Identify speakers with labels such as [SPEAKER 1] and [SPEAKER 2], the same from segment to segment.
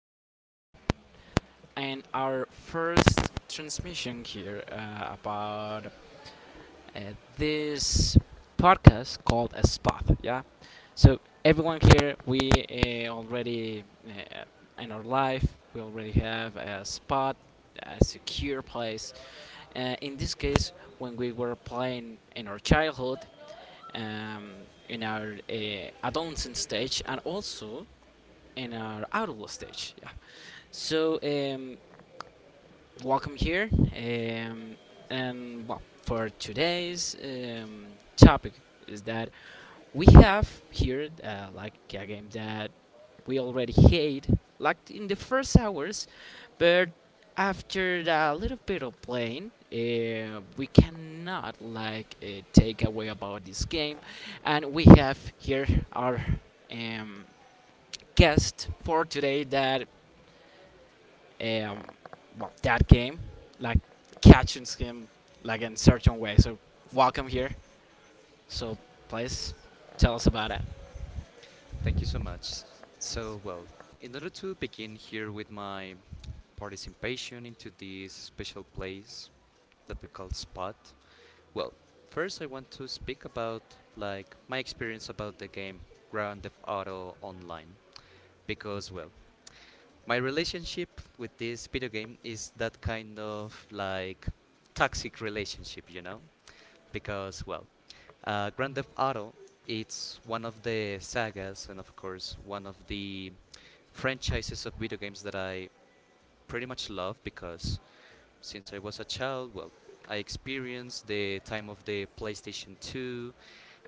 [SPEAKER 1] We are in our first transmission here about uh, this podcast called a spot. Yeah, so everyone here, we already in our life, we already have a spot, a secure place. In this case, when we were playing in our childhood, um, in our adolescent stage, and also in our outdoor stage. Yeah. So welcome here, and well, for today's topic is that we have here like a game that we already hate, like in the first hours, but after a little bit of playing, we cannot like take away about this game, and we have here our um, guest for today that um, well, that game, like catching him like in certain way. So welcome here. So please tell us about it.
[SPEAKER 2] Thank you so much. So, well, in order to begin here with my participation into this special place that we call Spot, well, first I want to speak about like my experience about the game Grand Theft Auto Online because, well, my relationship with this video game is that kind of like toxic relationship, you know? Because, well, Grand Theft Auto it's one of the sagas and of course one of the franchises of video games that I pretty much love because since I was a child, well, I experienced the time of the PlayStation 2.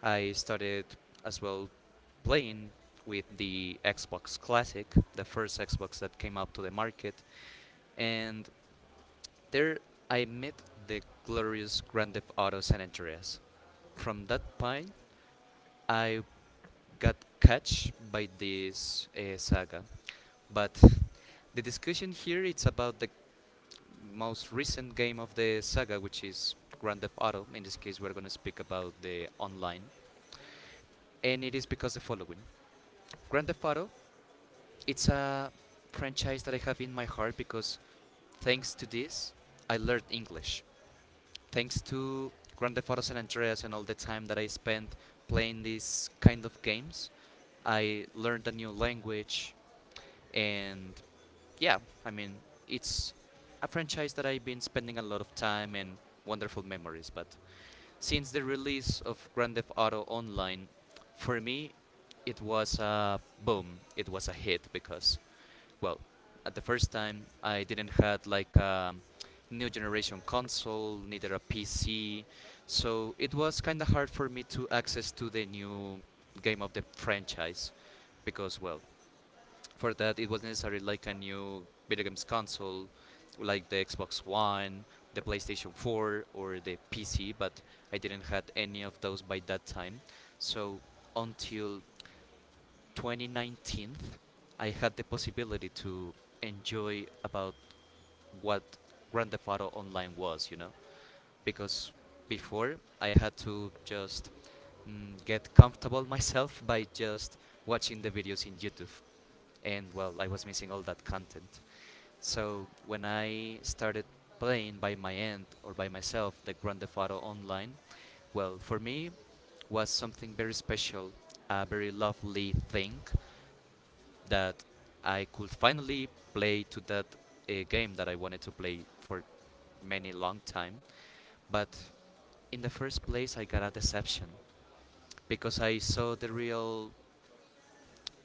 [SPEAKER 2] I started as well playing with the Xbox Classic, the first Xbox that came out to the market, and there I met the glorious Grand Theft Auto San Andreas. From that point, I got catch by this saga. But the discussion here it's about the most recent game of the saga, which is Grand Theft Auto. In this case, we're gonna speak about the online, and it is because the following: Grand Theft Auto. It's a franchise that I have in my heart because thanks to this, I learned English. Thanks to Grand Theft Auto San Andreas and all the time that I spent playing these kind of games, I learned a new language and yeah, I mean, it's a franchise that I've been spending a lot of time and wonderful memories. But since the release of Grand Theft Auto Online, for me, it was a boom. It was a hit because, well, at the first time, I didn't had like a new generation console, neither a PC, so it was kind of hard for me to access to the new game of the franchise because, well, for that, it was necessary like a new video games console, like the Xbox One, the PlayStation 4, or the PC. But I didn't had any of those by that time. So until 2019, I had the possibility to enjoy about what Grand Theft Auto Online was, you know, because before I had to just get comfortable myself by just watching the videos in YouTube, and well, I was missing all that content. So when I started playing by my end or by myself the Grand Theft Auto Online, well, for me was something very special, a very lovely thing that I could finally play to that game that I wanted to play for many long time. But in the first place, I got a deception because I saw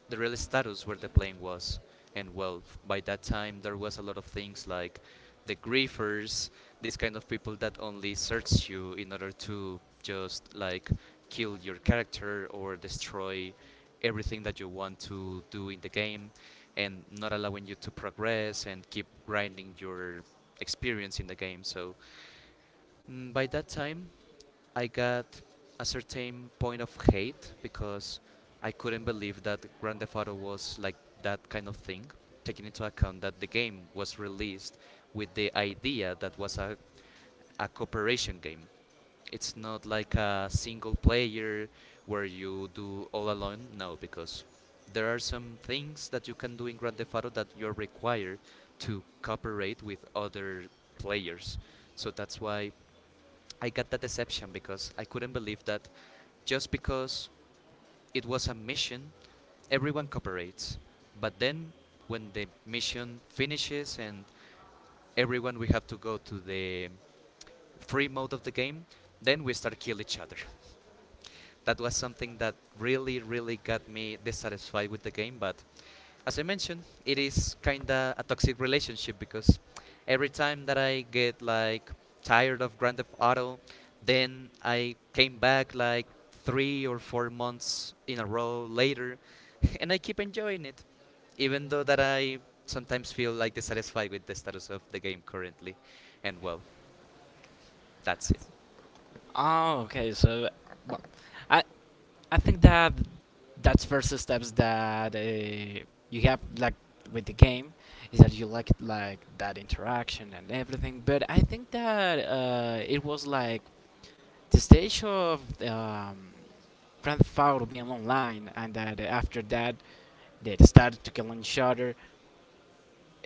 [SPEAKER 2] the real status where the plane was. And well, by that time there was a lot of things like the griefers, these kind of people that only search you in order to just like kill your character or destroy everything that you want to do in the game and not allowing you to progress and keep grinding your experience in the game. So by that time, I got a certain point of hate because I couldn't believe that Grand Theft Auto was like that kind of thing, taking into account that the game was released with the idea that was a cooperation game. It's not like a single player where you do all alone. No, because there are some things that you can do in Grand Theft Auto that you're required to cooperate with other players. So that's why I got that deception because I couldn't believe that just because it was a mission, everyone cooperates. But then, when the mission finishes and everyone we have to go to the free mode of the game, then we start kill each other. That was something that really, really got me dissatisfied with the game. But as I mentioned, it is kinda a toxic relationship because every time that I get like tired of Grand Theft Auto, then I came back like 3 or 4 months in a row later and I keep enjoying it, even though that I sometimes feel like dissatisfied with the status of the game currently. And well, that's it.
[SPEAKER 1] Oh, okay. So well, I I think that that's first steps that you have like with the game is that you like that interaction and everything. But I think that it was like the stage of Grand Theft Auto being online, and that after that started to kill each other.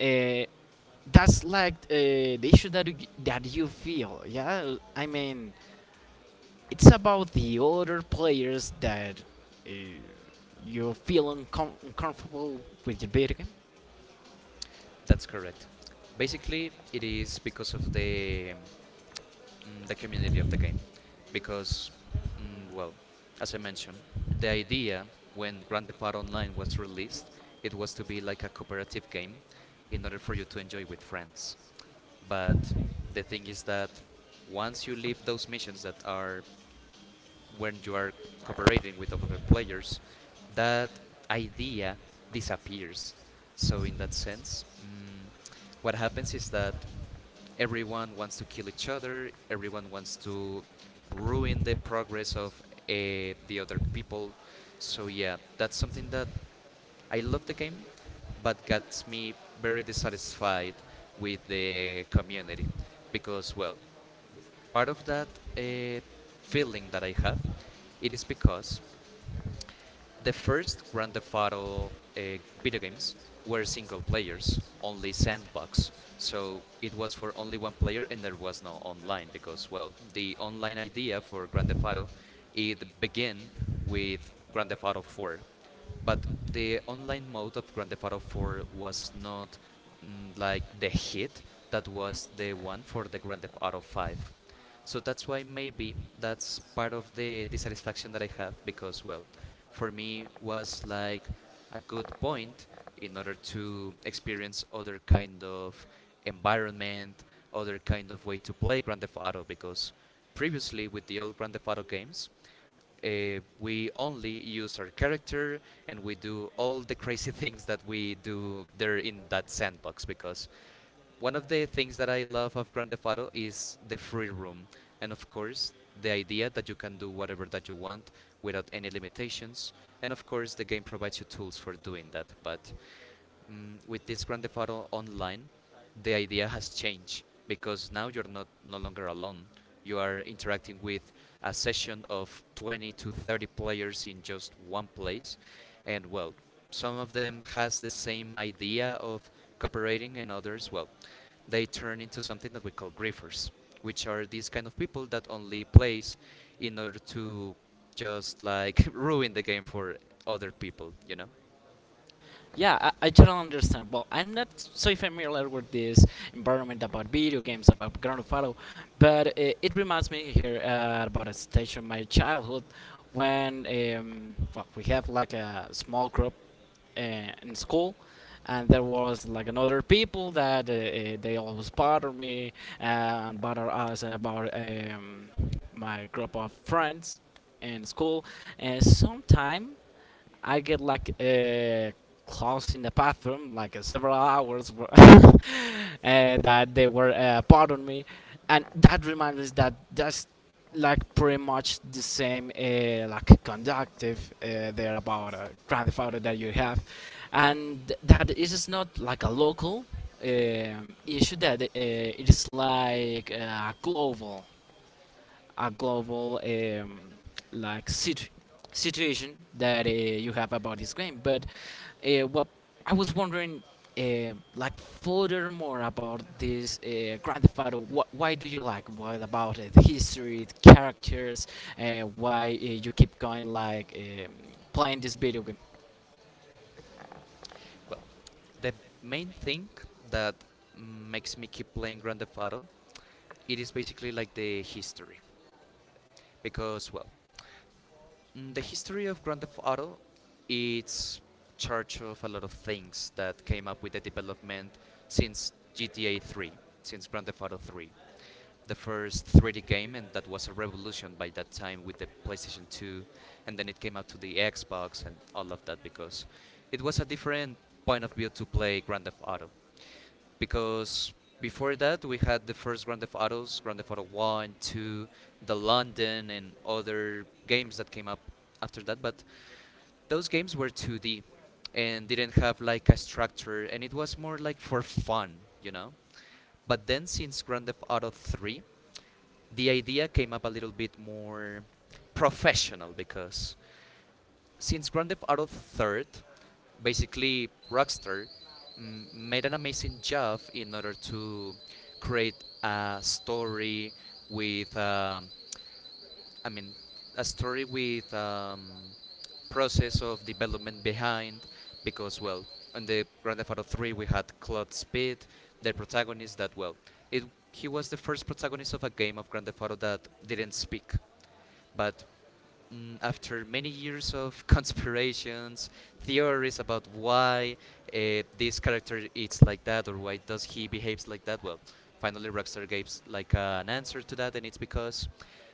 [SPEAKER 1] Uh, that's like the issue that you feel. Yeah, I mean, it's about the other players that uh, you feel uncomfortable with the video game.
[SPEAKER 2] That's correct. Basically, it is because of the the community of the game, because well, as I mentioned, the idea when Grand Theft Auto Online was released, it was to be like a cooperative game, in order for you to enjoy with friends. But the thing is that once you leave those missions that are when you are cooperating with other players, that idea disappears. So in that sense, what happens is that everyone wants to kill each other. Everyone wants to ruin the progress of the other people. So yeah, that's something that I love the game, but gets me very dissatisfied with the community because well, part of that uh, feeling that I have it is because the first Grand Theft Auto uh, video games were single players, only sandbox. So it was for only one player, and there was no online because, well, the online idea for Grand Theft Auto it began with Grand Theft Auto 4, but the online mode of Grand Theft Auto 4 was not like the hit that was the one for the Grand Theft Auto 5. So that's why maybe that's part of the dissatisfaction that I have because well, for me was like a good point in order to experience other kind of environment, other kind of way to play Grand Theft Auto because previously with the old Grand Theft Auto games, we only use our character and we do all the crazy things that we do there in that sandbox because one of the things that I love of Grand Theft Auto is the free room and of course the idea that you can do whatever that you want without any limitations and of course the game provides you tools for doing that but with this Grand Theft Auto Online, the idea has changed because now you're not no longer alone. You are interacting with a session of 20 to 30 players in just one place, and well, some of them has the same idea of cooperating, and others, well, they turn into something that we call griefers, which are these kind of people that only plays in order to just like ruin the game for other people, you know.
[SPEAKER 1] Yeah, I totally understand. Well, I'm not so familiar with this environment about video games, about Grand Theft Auto, but it reminds me here about a stage of my childhood when well, we have like a small group uh, in school, and there was like another people that they always bother me uh, and bother us about my group of friends in school, and sometime I get like a close in the bathroom like several hours that they were pardon me, and that reminds us that that's like pretty much the same like conductive there about grand theft auto that you have, and that it is not like a local issue that it is like global, a global like situation that you have about this game. But well, I was wondering. Like furthermore about this Grand Theft Auto, why do you like what about it? The History, the characters, why you keep going like playing this video game?
[SPEAKER 2] Well, the main thing that makes me keep playing Grand Theft Auto, it is basically like the history, because well, the history of Grand Theft Auto, it's charge of a lot of things that came up with the development since GTA 3, since Grand Theft Auto 3, the first 3D game, and that was a revolution by that time with the PlayStation 2, and then it came out to the Xbox and all of that because it was a different point of view to play Grand Theft Auto. Because before that we had the first Grand Theft Autos, Grand Theft Auto 1, 2, the London and other games that came up after that, but those games were 2D and didn't have like a structure and it was more like for fun, you know? But then since Grand Theft Auto 3, the idea came up a little bit more professional because since Grand Theft Auto 3, basically Rockstar made an amazing job in order to create a story with, I mean, a story with process of development behind because well on the Grand Theft Auto 3 we had Claude Speed the protagonist that well it he was the first protagonist of a game of Grand Theft Auto that didn't speak but after many years of conspirations, theories about why this character eats like that or why does he behaves like that, well, finally Rockstar gives like an answer to that, and it's because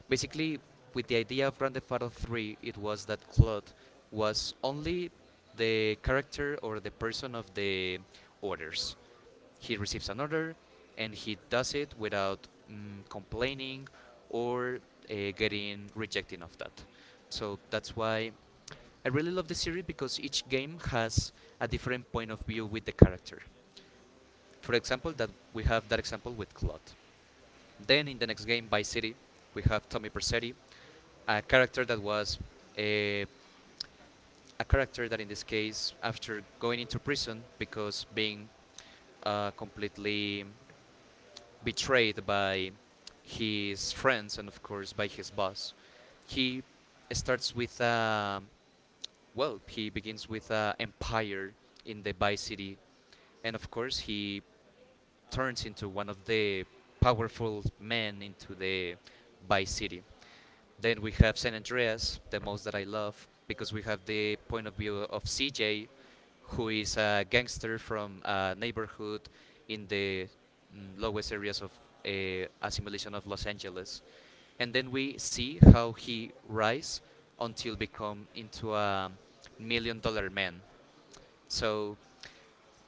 [SPEAKER 2] basically with the idea of Grand Theft Auto 3, it was that Claude was only the character or the person of the orders he receives an order and he does it without complaining or getting rejecting of that. So that's why I really love the series because each game has a different point of view with the character. For example, that we have that example with Claude. Then in the next game, by City, we have Tommy Persetti, a character that was a, a character that in this case, after going into prison because being completely betrayed by his friends and of course by his boss. He starts with well, he begins with empire in the Vice City, and of course he turns into one of the powerful men into the Vice City. Then we have San Andreas, the most that I love, because we have the point of view of CJ, who is a gangster from a neighborhood in the lowest areas of assimilation of Los Angeles. And then we see how he rise until become into a million dollar man. So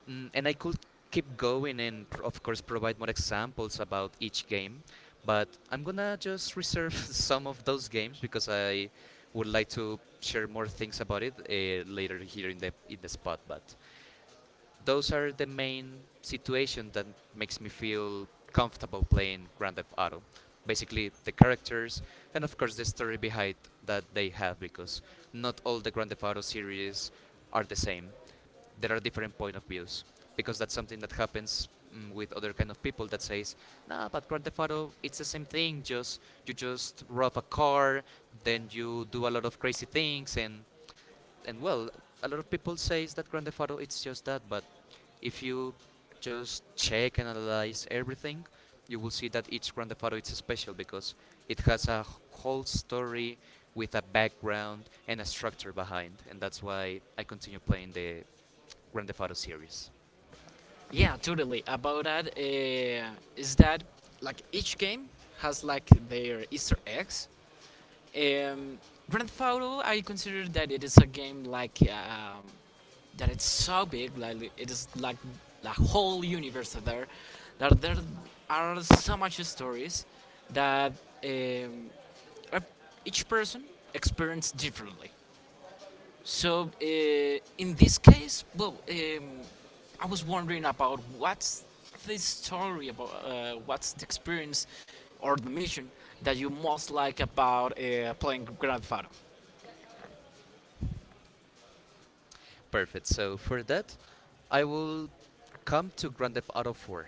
[SPEAKER 2] Mm, and I could keep going and, of course, provide more examples about each game. But I'm gonna just reserve some of those games because I would like to share more things about it later here in the spot. But those are the main situation that makes me feel comfortable playing Grand Theft Auto. Basically, the characters, and of course the story behind that they have, because not all the Grand Theft Auto series are the same. There are different point of views, because that's something that happens with other kind of people that says, nah, but Grand Theft Auto it's the same thing, just you just rob a car, then you do a lot of crazy things, and well, a lot of people says that Grand Theft Auto it's just that. But if you just check and analyze everything, you will see that each Grand Theft Auto is special, because it has a whole story with a background and a structure behind, and that's why I continue playing the Grand Theft Auto series.
[SPEAKER 1] Yeah, totally. About that, is that like each game has like their Easter eggs. Um, Grand Theft Auto, I consider that it is a game like that. It's so big, like it is like the whole universe out there. That there are so much stories that um, ev- each person experiences differently. So in this case, well, I was wondering about what's the story about what's the experience or the mission that you most like about playing Grand Theft Auto.
[SPEAKER 2] Perfect. So for that, I will come to Grand Theft Auto 4,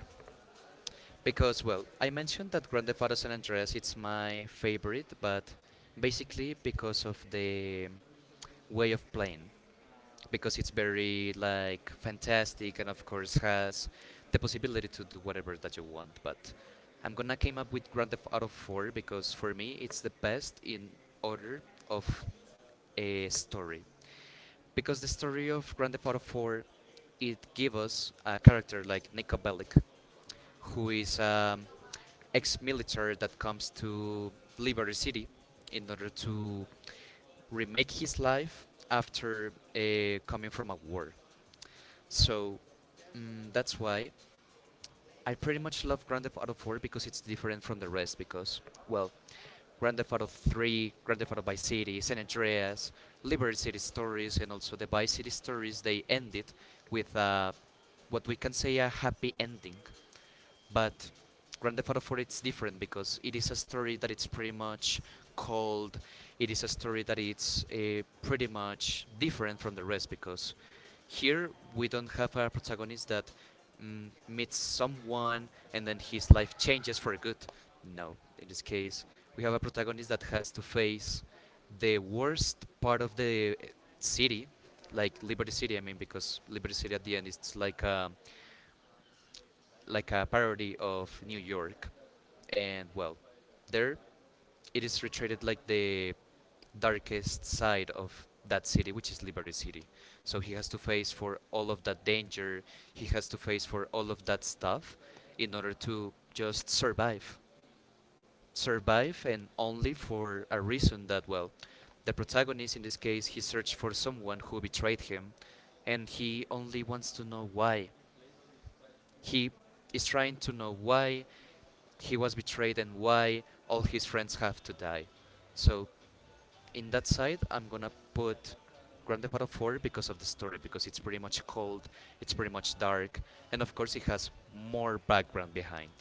[SPEAKER 2] because, well, I mentioned that Grand Theft Auto San Andreas it's my favorite, but basically because of the way of playing, because it's very like fantastic and of course has the possibility to do whatever that you want. But I'm gonna came up with Grand Theft Auto 4 because for me it's the best in order of a story, because the story of Grand Theft Auto 4, it gives us a character like Niko Bellic, who is an ex-military that comes to Liberty City in order to remake his life after coming from a war. So that's why I pretty much love Grand Theft Auto 4, because it's different from the rest, because well, Grand Theft Auto 3, Grand Theft Auto Vice City, San Andreas, Liberty City stories, and also the Vice City stories, they ended with what we can say a happy ending. But Grand Theft Auto 4 it's different, because it is a story that it's pretty much cold. It is a story that it's pretty much different from the rest, because here we don't have a protagonist that meets someone and then his life changes for good. No, in this case we have a protagonist that has to face the worst part of the city, like Liberty City. I mean, because Liberty City at the end it's like a parody of New York, and well, there it is retreated like the darkest side of that city, which is Liberty City. So he has to face for all of that danger. He has to face for all of that stuff in order to just survive, and only for a reason that well, the protagonist in this case he searched for someone who betrayed him, and he only wants to know why. He is trying to know why he was betrayed and why all his friends have to die. So, in that side, I'm gonna put Grand Theft Auto 4 because of the story, because it's pretty much cold, it's pretty much dark, and of course, it has more background behind.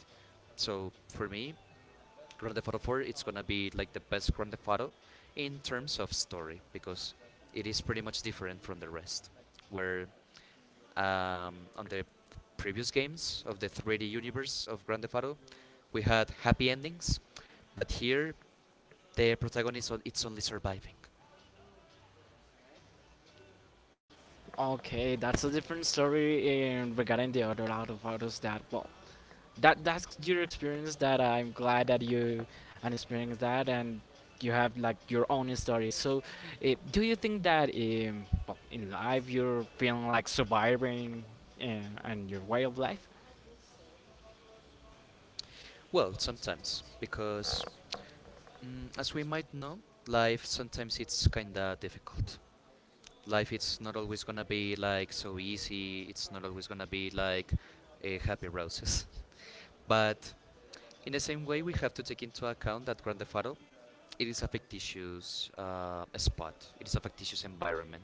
[SPEAKER 2] So, for me, Grand Theft Auto 4 it's gonna be like the best Grand Theft Auto in terms of story, because it is pretty much different from the rest. Where on the previous games of the 3D universe of Grand Theft Auto, we had happy endings, but here the protagonist it's only surviving.
[SPEAKER 1] Okay, that's a different story in regarding the other out of autos, that well, that that's your experience, that I'm glad that you and experience that, and you have like your own story. So, eh, do you think that well, in life you're feeling like surviving and your way of life?
[SPEAKER 2] Well, sometimes, because as we might know, life sometimes it's kinda difficult. Life it's not always gonna be like so easy, it's not always gonna be like a happy roses, but in the same way we have to take into account that grandfather it is a fictitious spot. It is a fictitious environment.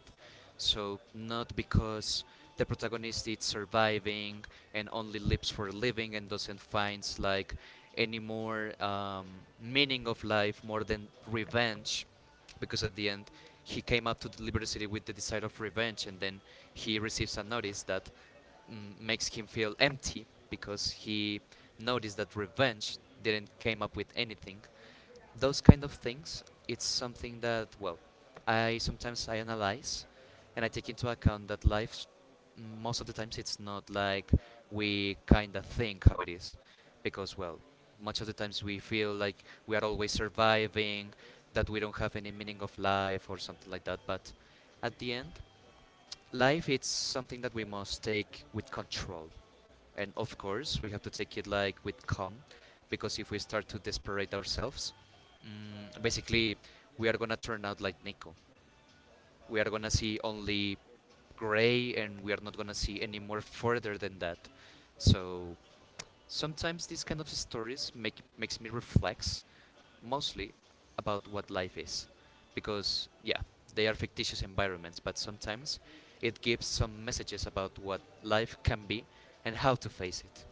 [SPEAKER 2] So not because the protagonist is surviving and only lives for a living and doesn't finds like any more meaning of life more than revenge, because at the end he came up to the Liberty City with the desire of revenge, and then he receives a notice that makes him feel empty, because he noticed that revenge didn't came up with anything. Those kind of things it's something that, well, I sometimes I analyze and I take into account that life most of the times it's not like we kind of think how it is, because well, much of the times we feel like we are always surviving, that we don't have any meaning of life or something like that, but at the end, life it's something that we must take with control, and of course, we have to take it like with calm, because if we start to desperate ourselves, basically, we are gonna turn out like Nico. We are gonna see only gray, and we are not gonna see any more further than that. So sometimes these kind of stories makes me reflect, mostly, about what life is, because yeah, they are fictitious environments, but sometimes it gives some messages about what life can be and how to face it.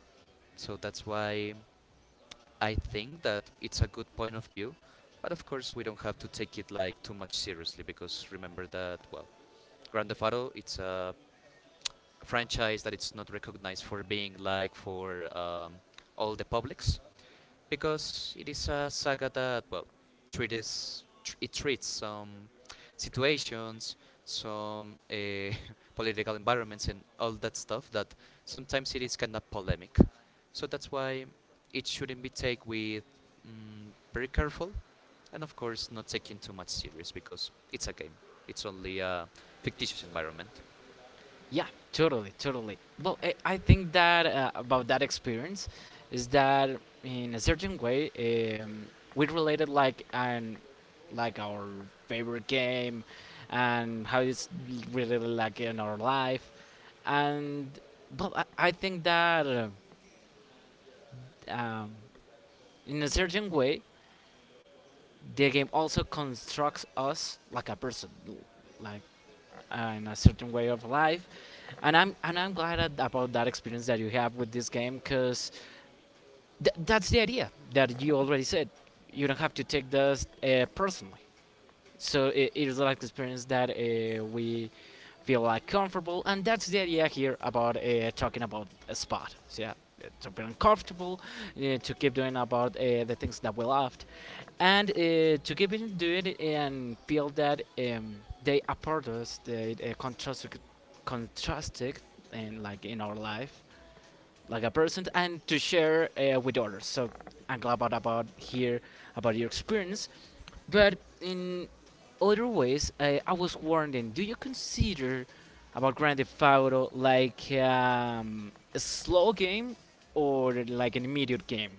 [SPEAKER 2] So that's why I think that it's a good point of view. But of course, we don't have to take it like too much seriously, because remember that, well, Grand Theft Auto it's a franchise that it's not recognized for being like for all the publics, because it is a saga that, well, it treats some situations, some political environments, and all that stuff that sometimes it is kind of polemic. So that's why it shouldn't be taken with very careful, and of course not taking too much serious, because it's a game. It's only a fictitious environment.
[SPEAKER 1] Yeah, totally, totally. Well, I think that about that experience is that in a certain way we related like an like our favorite game and how it's really really like in our life. And but I think that um, in a certain way, the game also constructs us like a person, like in a certain way of life. And I'm glad at, about that experience that you have with this game, because that's the idea that you already said. You don't have to take this personally. So it is like the experience that we feel like comfortable, and that's the idea here about talking about a spot. So, yeah, to feel uncomfortable, to keep doing about the things that we loved, and to keep it doing it and feel that they are part of us, they contrasted, in like in our life, like a person, and to share with others. So I'm glad about here about your experience, but in other ways, I was wondering, do you consider about Grand Theft Auto like a slow game or like an immediate game?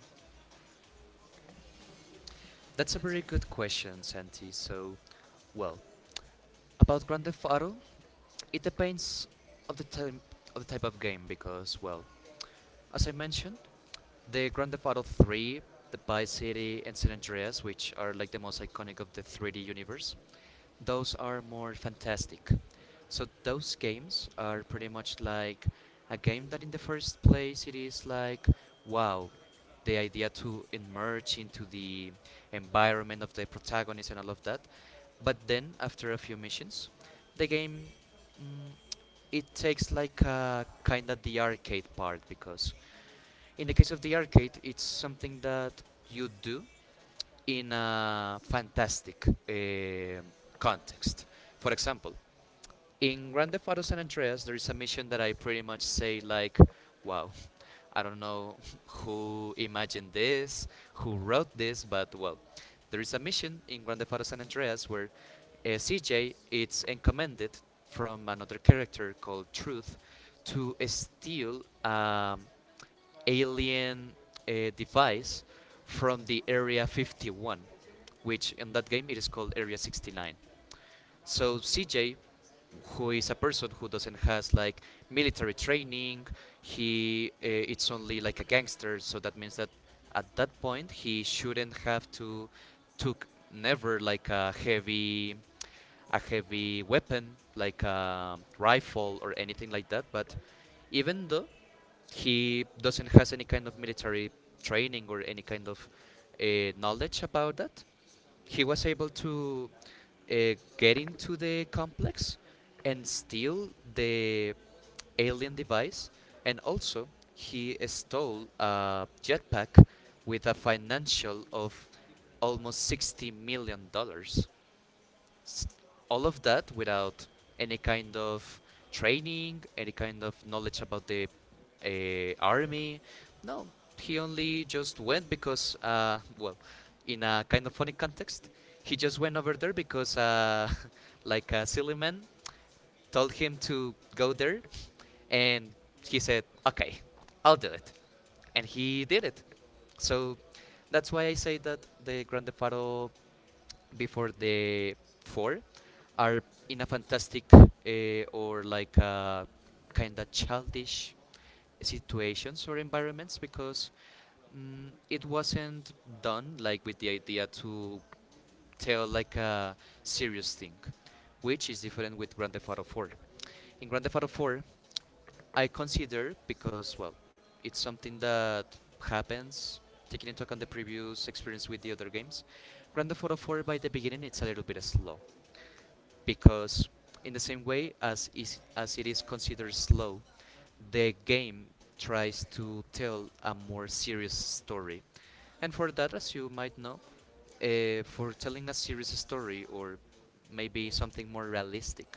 [SPEAKER 2] That's a very good question, Santi. So, well, about Grand Theft Auto, it depends of the type of game, because, well, as I mentioned, the Grand Theft Auto 3, the Vice City, and San Andreas, which are like the most iconic of the 3D universe, those are more fantastic. So those games are pretty much like a game that, in the first place, it is like, wow, the idea to emerge into the environment of the protagonist and all of that. But then, after a few missions, the game, mm, it takes like a kind of the arcade part, because in the case of the arcade, it's something that you do in a fantastic context. For example, in Grand Theft Auto San Andreas, there is a mission that I pretty much say like, "Wow, I don't know, who imagined this, who wrote this," but well, there is a mission in Grand Theft Auto San Andreas where CJ is encomended from another character called Truth to steal alien device from the Area 51, which in that game it is called Area 69. So CJ, who is a person who doesn't has like military training, he it's only like a gangster. So that means that at that point he shouldn't have to took never like a heavy weapon like a rifle or anything like that. But even though he doesn't has any kind of military training or any kind of knowledge about that, he was able to get into the complex and steal the alien device, and also he stole a jetpack with a financial of almost $60 million s- all of that without any kind of training, any kind of knowledge about the army. No, he only just went because, well, in a kind of funny context, he just went over there because, like a silly man, told him to go there, and he said, "Okay, I'll do it," and he did it. So that's why I say that the Grande Faro before the four are in a fantastic or like a kind of childish situations or environments, because it wasn't done like with the idea to tell like a serious thing, which is different with Grand Theft Auto 4. In Grand Theft Auto 4, I consider, because well, it's something that happens. Taking into account the previous experience with the other games, Grand Theft Auto 4 by the beginning it's a little bit slow, because in the same way as it is considered slow, the game tries to tell a more serious story. And for that, as you might know, for telling a serious story or maybe something more realistic,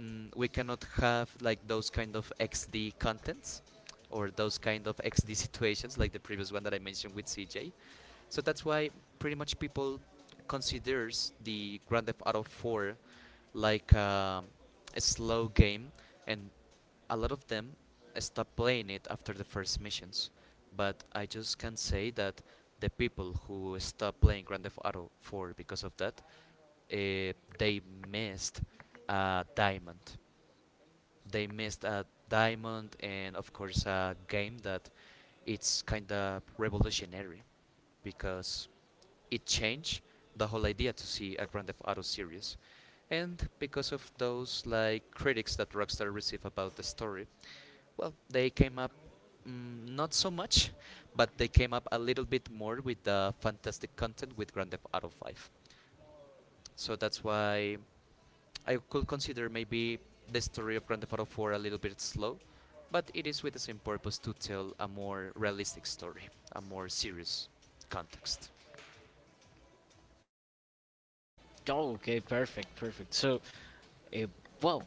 [SPEAKER 2] we cannot have like those kind of XD contents or those kind of XD situations like the previous one that I mentioned with CJ. So that's why pretty much people considers the Grand Theft Auto 4 like a slow game, and a lot of them stop playing it after the first missions. But I just can say that the people who stop playing Grand Theft Auto 4 because of that, uh, they missed a diamond. They missed a diamond, and of course a game that it's kind of revolutionary because it changed the whole idea to see a Grand Theft Auto series. And because of those like critics that Rockstar received about the story, well, they came up not so much, but they came up a little bit more with the fantastic content with Grand Theft Auto 5. So that's why I could consider maybe the story of Grand Theft Auto 4 a little bit slow, but it is with the same purpose to tell a more realistic story, a more serious context.
[SPEAKER 1] Oh, okay, perfect, perfect. So, uh, well,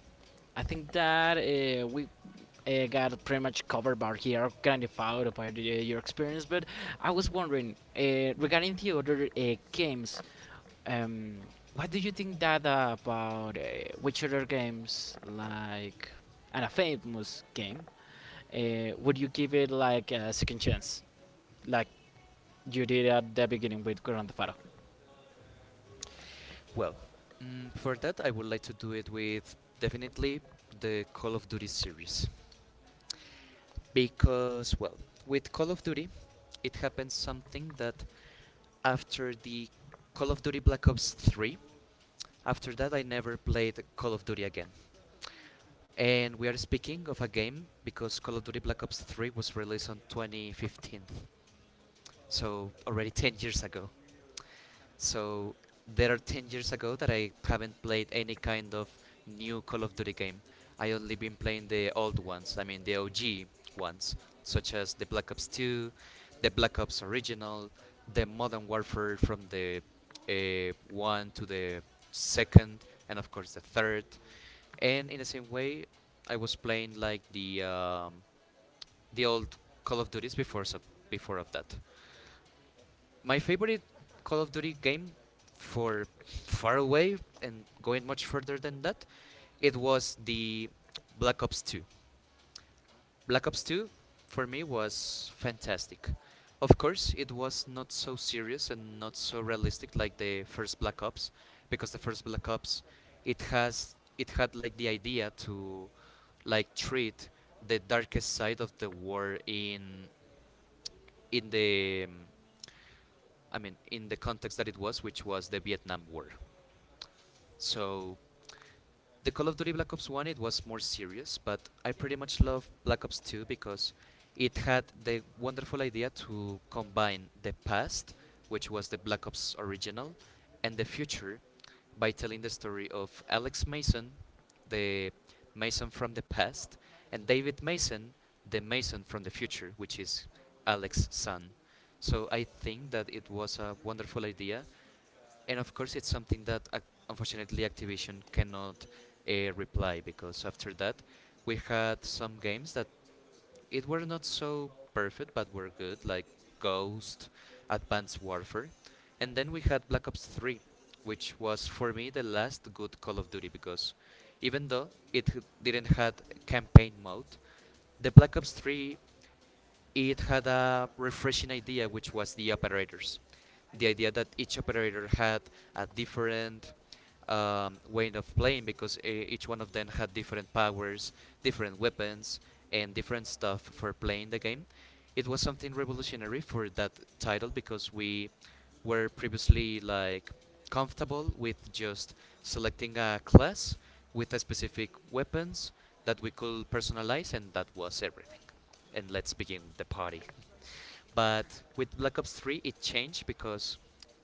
[SPEAKER 1] I think that we got pretty much covered by here, Grand Theft Auto, by the, eh, your experience. But I was wondering regarding the other games. Um, what do you think that about which other games like and a famous game? Would you give it like a second chance, like you did at the beginning with Grand Theft Auto?
[SPEAKER 2] Well, for that I would like to do it with definitely the Call of Duty series. Because, well, with Call of Duty, it happened something that after the Call of Duty Black Ops 3, after that I never played Call of Duty again. And we are speaking of a game because Call of Duty Black Ops 3 was released on 2015, so already 10 years ago. So there are 10 years ago that I haven't played any kind of new Call of Duty game. I only been playing the old ones, I mean the OG ones, such as the Black Ops 2, the Black Ops Original, the Modern Warfare from the 1 to the second, and of course the third. And in the same way, I was playing like the old Call of Duties before so before of that. My favorite Call of Duty game for far away and going much further than that, it was the Black Ops 2. Black Ops 2 for me was fantastic. Of course, it was not so serious and not so realistic like the first Black Ops because the first Black Ops it had like the idea to like treat the darkest side of the war in the I mean, in the context that it was, which was the Vietnam War. So, the Call of Duty Black Ops 1, it was more serious, but I pretty much love Black Ops 2 because it had the wonderful idea to combine the past, which was the Black Ops original, and the future by telling the story of Alex Mason, the Mason from the past, and David Mason, the Mason from the future, which is Alex's son. So I think that it was a wonderful idea, and of course it's something that unfortunately Activision cannot reply because after that, we had some games that it were not so perfect but were good, like Ghost, Advanced Warfare, and then we had Black Ops 3, which was for me the last good Call of Duty because even though it didn't had campaign mode, the Black Ops 3 it had a refreshing idea, which was the operators. The idea that each operator had a different way of playing because each one of them had different powers, different weapons, and different stuff for playing the game. It was something revolutionary for that title because we were previously like comfortable with just selecting a class with a specific weapons that we could personalize, and that was everything and let's begin the party. But with Black Ops 3, it changed because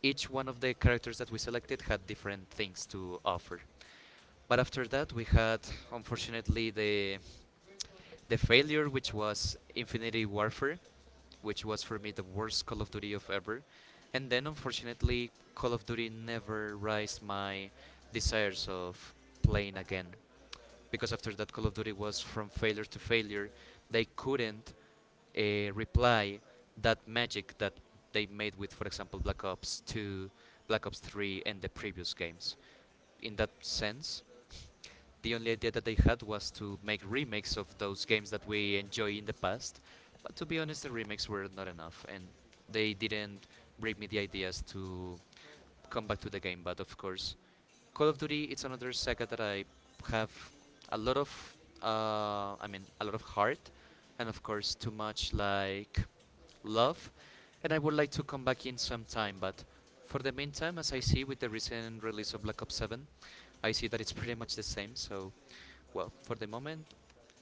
[SPEAKER 2] each one of the characters that we selected had different things to offer. But after that, we had unfortunately the failure, which was Infinity Warfare, which was for me the worst Call of Duty of ever. And then unfortunately, Call of Duty never raised my desires of playing again because after that Call of Duty was from failure to failure. They couldn't reply that magic that they made with, for example, Black Ops 2, Black Ops 3, and the previous games. In that sense, the only idea that they had was to make remakes of those games that we enjoy in the past. But to be honest, the remakes were not enough, and they didn't bring me the ideas to come back to the game. But of course, Call of Duty it's another saga that I have a lot of I mean a lot of heart and of course too much like love, and I would like to come back in some time, but for the meantime, as I see with the recent release of Black Ops 7, I see that it's pretty much the same. So well, for the moment,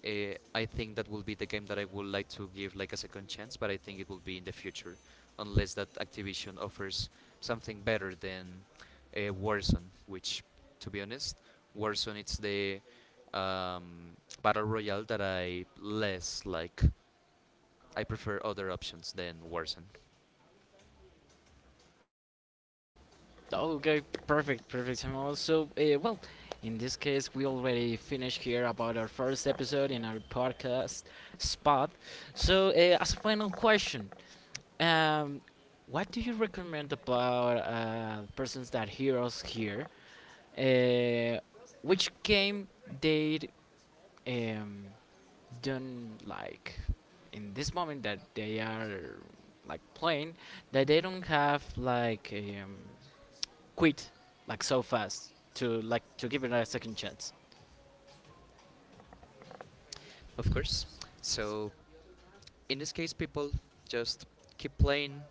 [SPEAKER 2] I think that will be the game that I would like to give like a second chance, but I think it will be in the future, unless that Activision offers something better than Warzone, which, to be honest, Warzone it's the battle royale that I less like. I prefer other options than Warzone,
[SPEAKER 1] Okay, perfect, perfect. And also, well, in this case, we already finished here about our first episode in our podcast spot. So, as a final question, um, what do you recommend about persons that hear us here? Uh, which game they um, don't like in this moment that they are like playing, that they don't have like um, quit like so fast, to like to give it a second chance?
[SPEAKER 2] of course. So in this case, people just keep playing,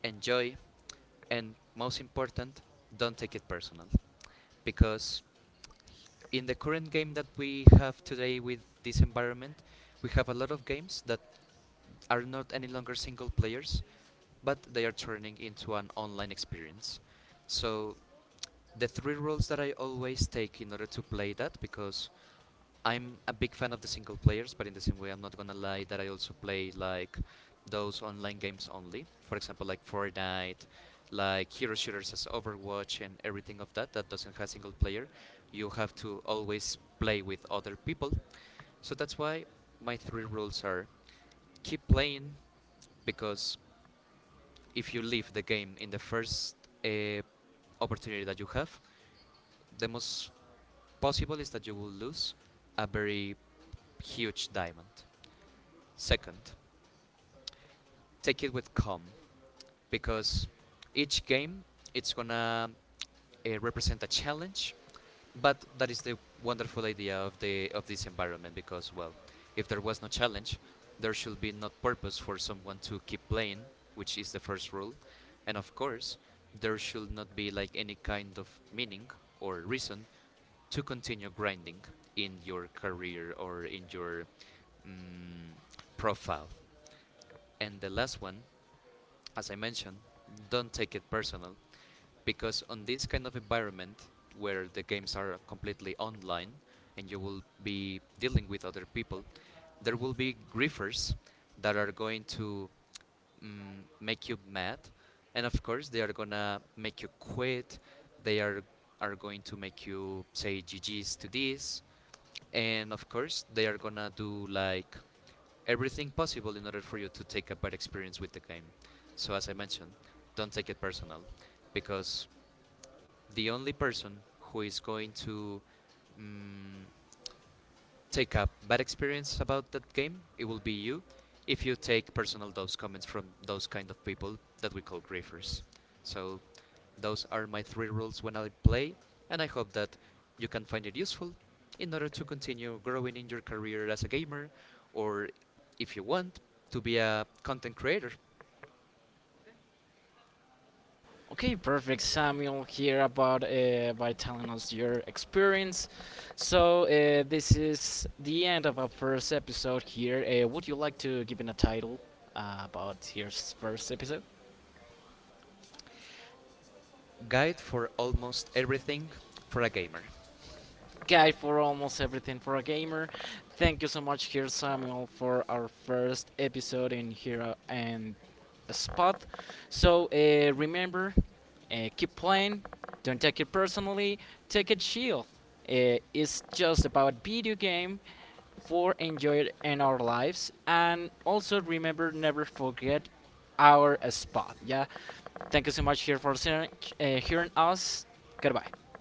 [SPEAKER 2] enjoy, and most important, don't take it personal, because in the current game that we have today with this environment, we have a lot of games that are not any longer single players, but they are turning into an online experience. So the three rules that I always take in order to play that because I'm a big fan of the single players, but in the same way, I'm not gonna lie that I also play like those online games only. For example, like Fortnite, like hero shooters as Overwatch and everything of that that doesn't have single player. You have to always play with other people. So that's why my three rules are: keep playing, because if you leave the game in the first uh, opportunity that you have, the most possible is that you will lose a very huge diamond. Second, take it with calm because each game it's gonna represent a challenge, but that is the wonderful idea of the of this environment because well, if there was no challenge, there should be no purpose for someone to keep playing, which is the first rule, and of course, there should not be like any kind of meaning or reason to continue grinding in your career or in your mm, profile. And the last one, as I mentioned, don't take it personal because on this kind of environment where the games are completely online and you will be dealing with other people, there will be griefers that are going to make you mad, and of course they are gonna make you quit. They are going to make you say GGs to this, and of course they are gonna do like everything possible in order for you to take a bad experience with the game. So as I mentioned, don't take it personal because the only person who is going to mm, take a bad experience about that game, it will be you if you take personal those comments from those kind of people that we call griefers. So those are my three rules when I play, and I hope that you can find it useful in order to continue growing in your career as a gamer, or if you want to be a content creator,
[SPEAKER 1] Okay, perfect, Samuel, here about by telling us your experience. So this is the end of our first episode here. Would you like to give it a title about your first episode?
[SPEAKER 2] guide for almost everything for a gamer.
[SPEAKER 1] Guy for almost everything for a gamer. Thank you so much, here Samuel, for our first episode in Hero and Spot. So remember, keep playing. Don't take it personally. Take it chill. It's just about video game for enjoy it in our lives, and also remember, never forget our spot. Yeah, thank you so much here for hearing us. Goodbye.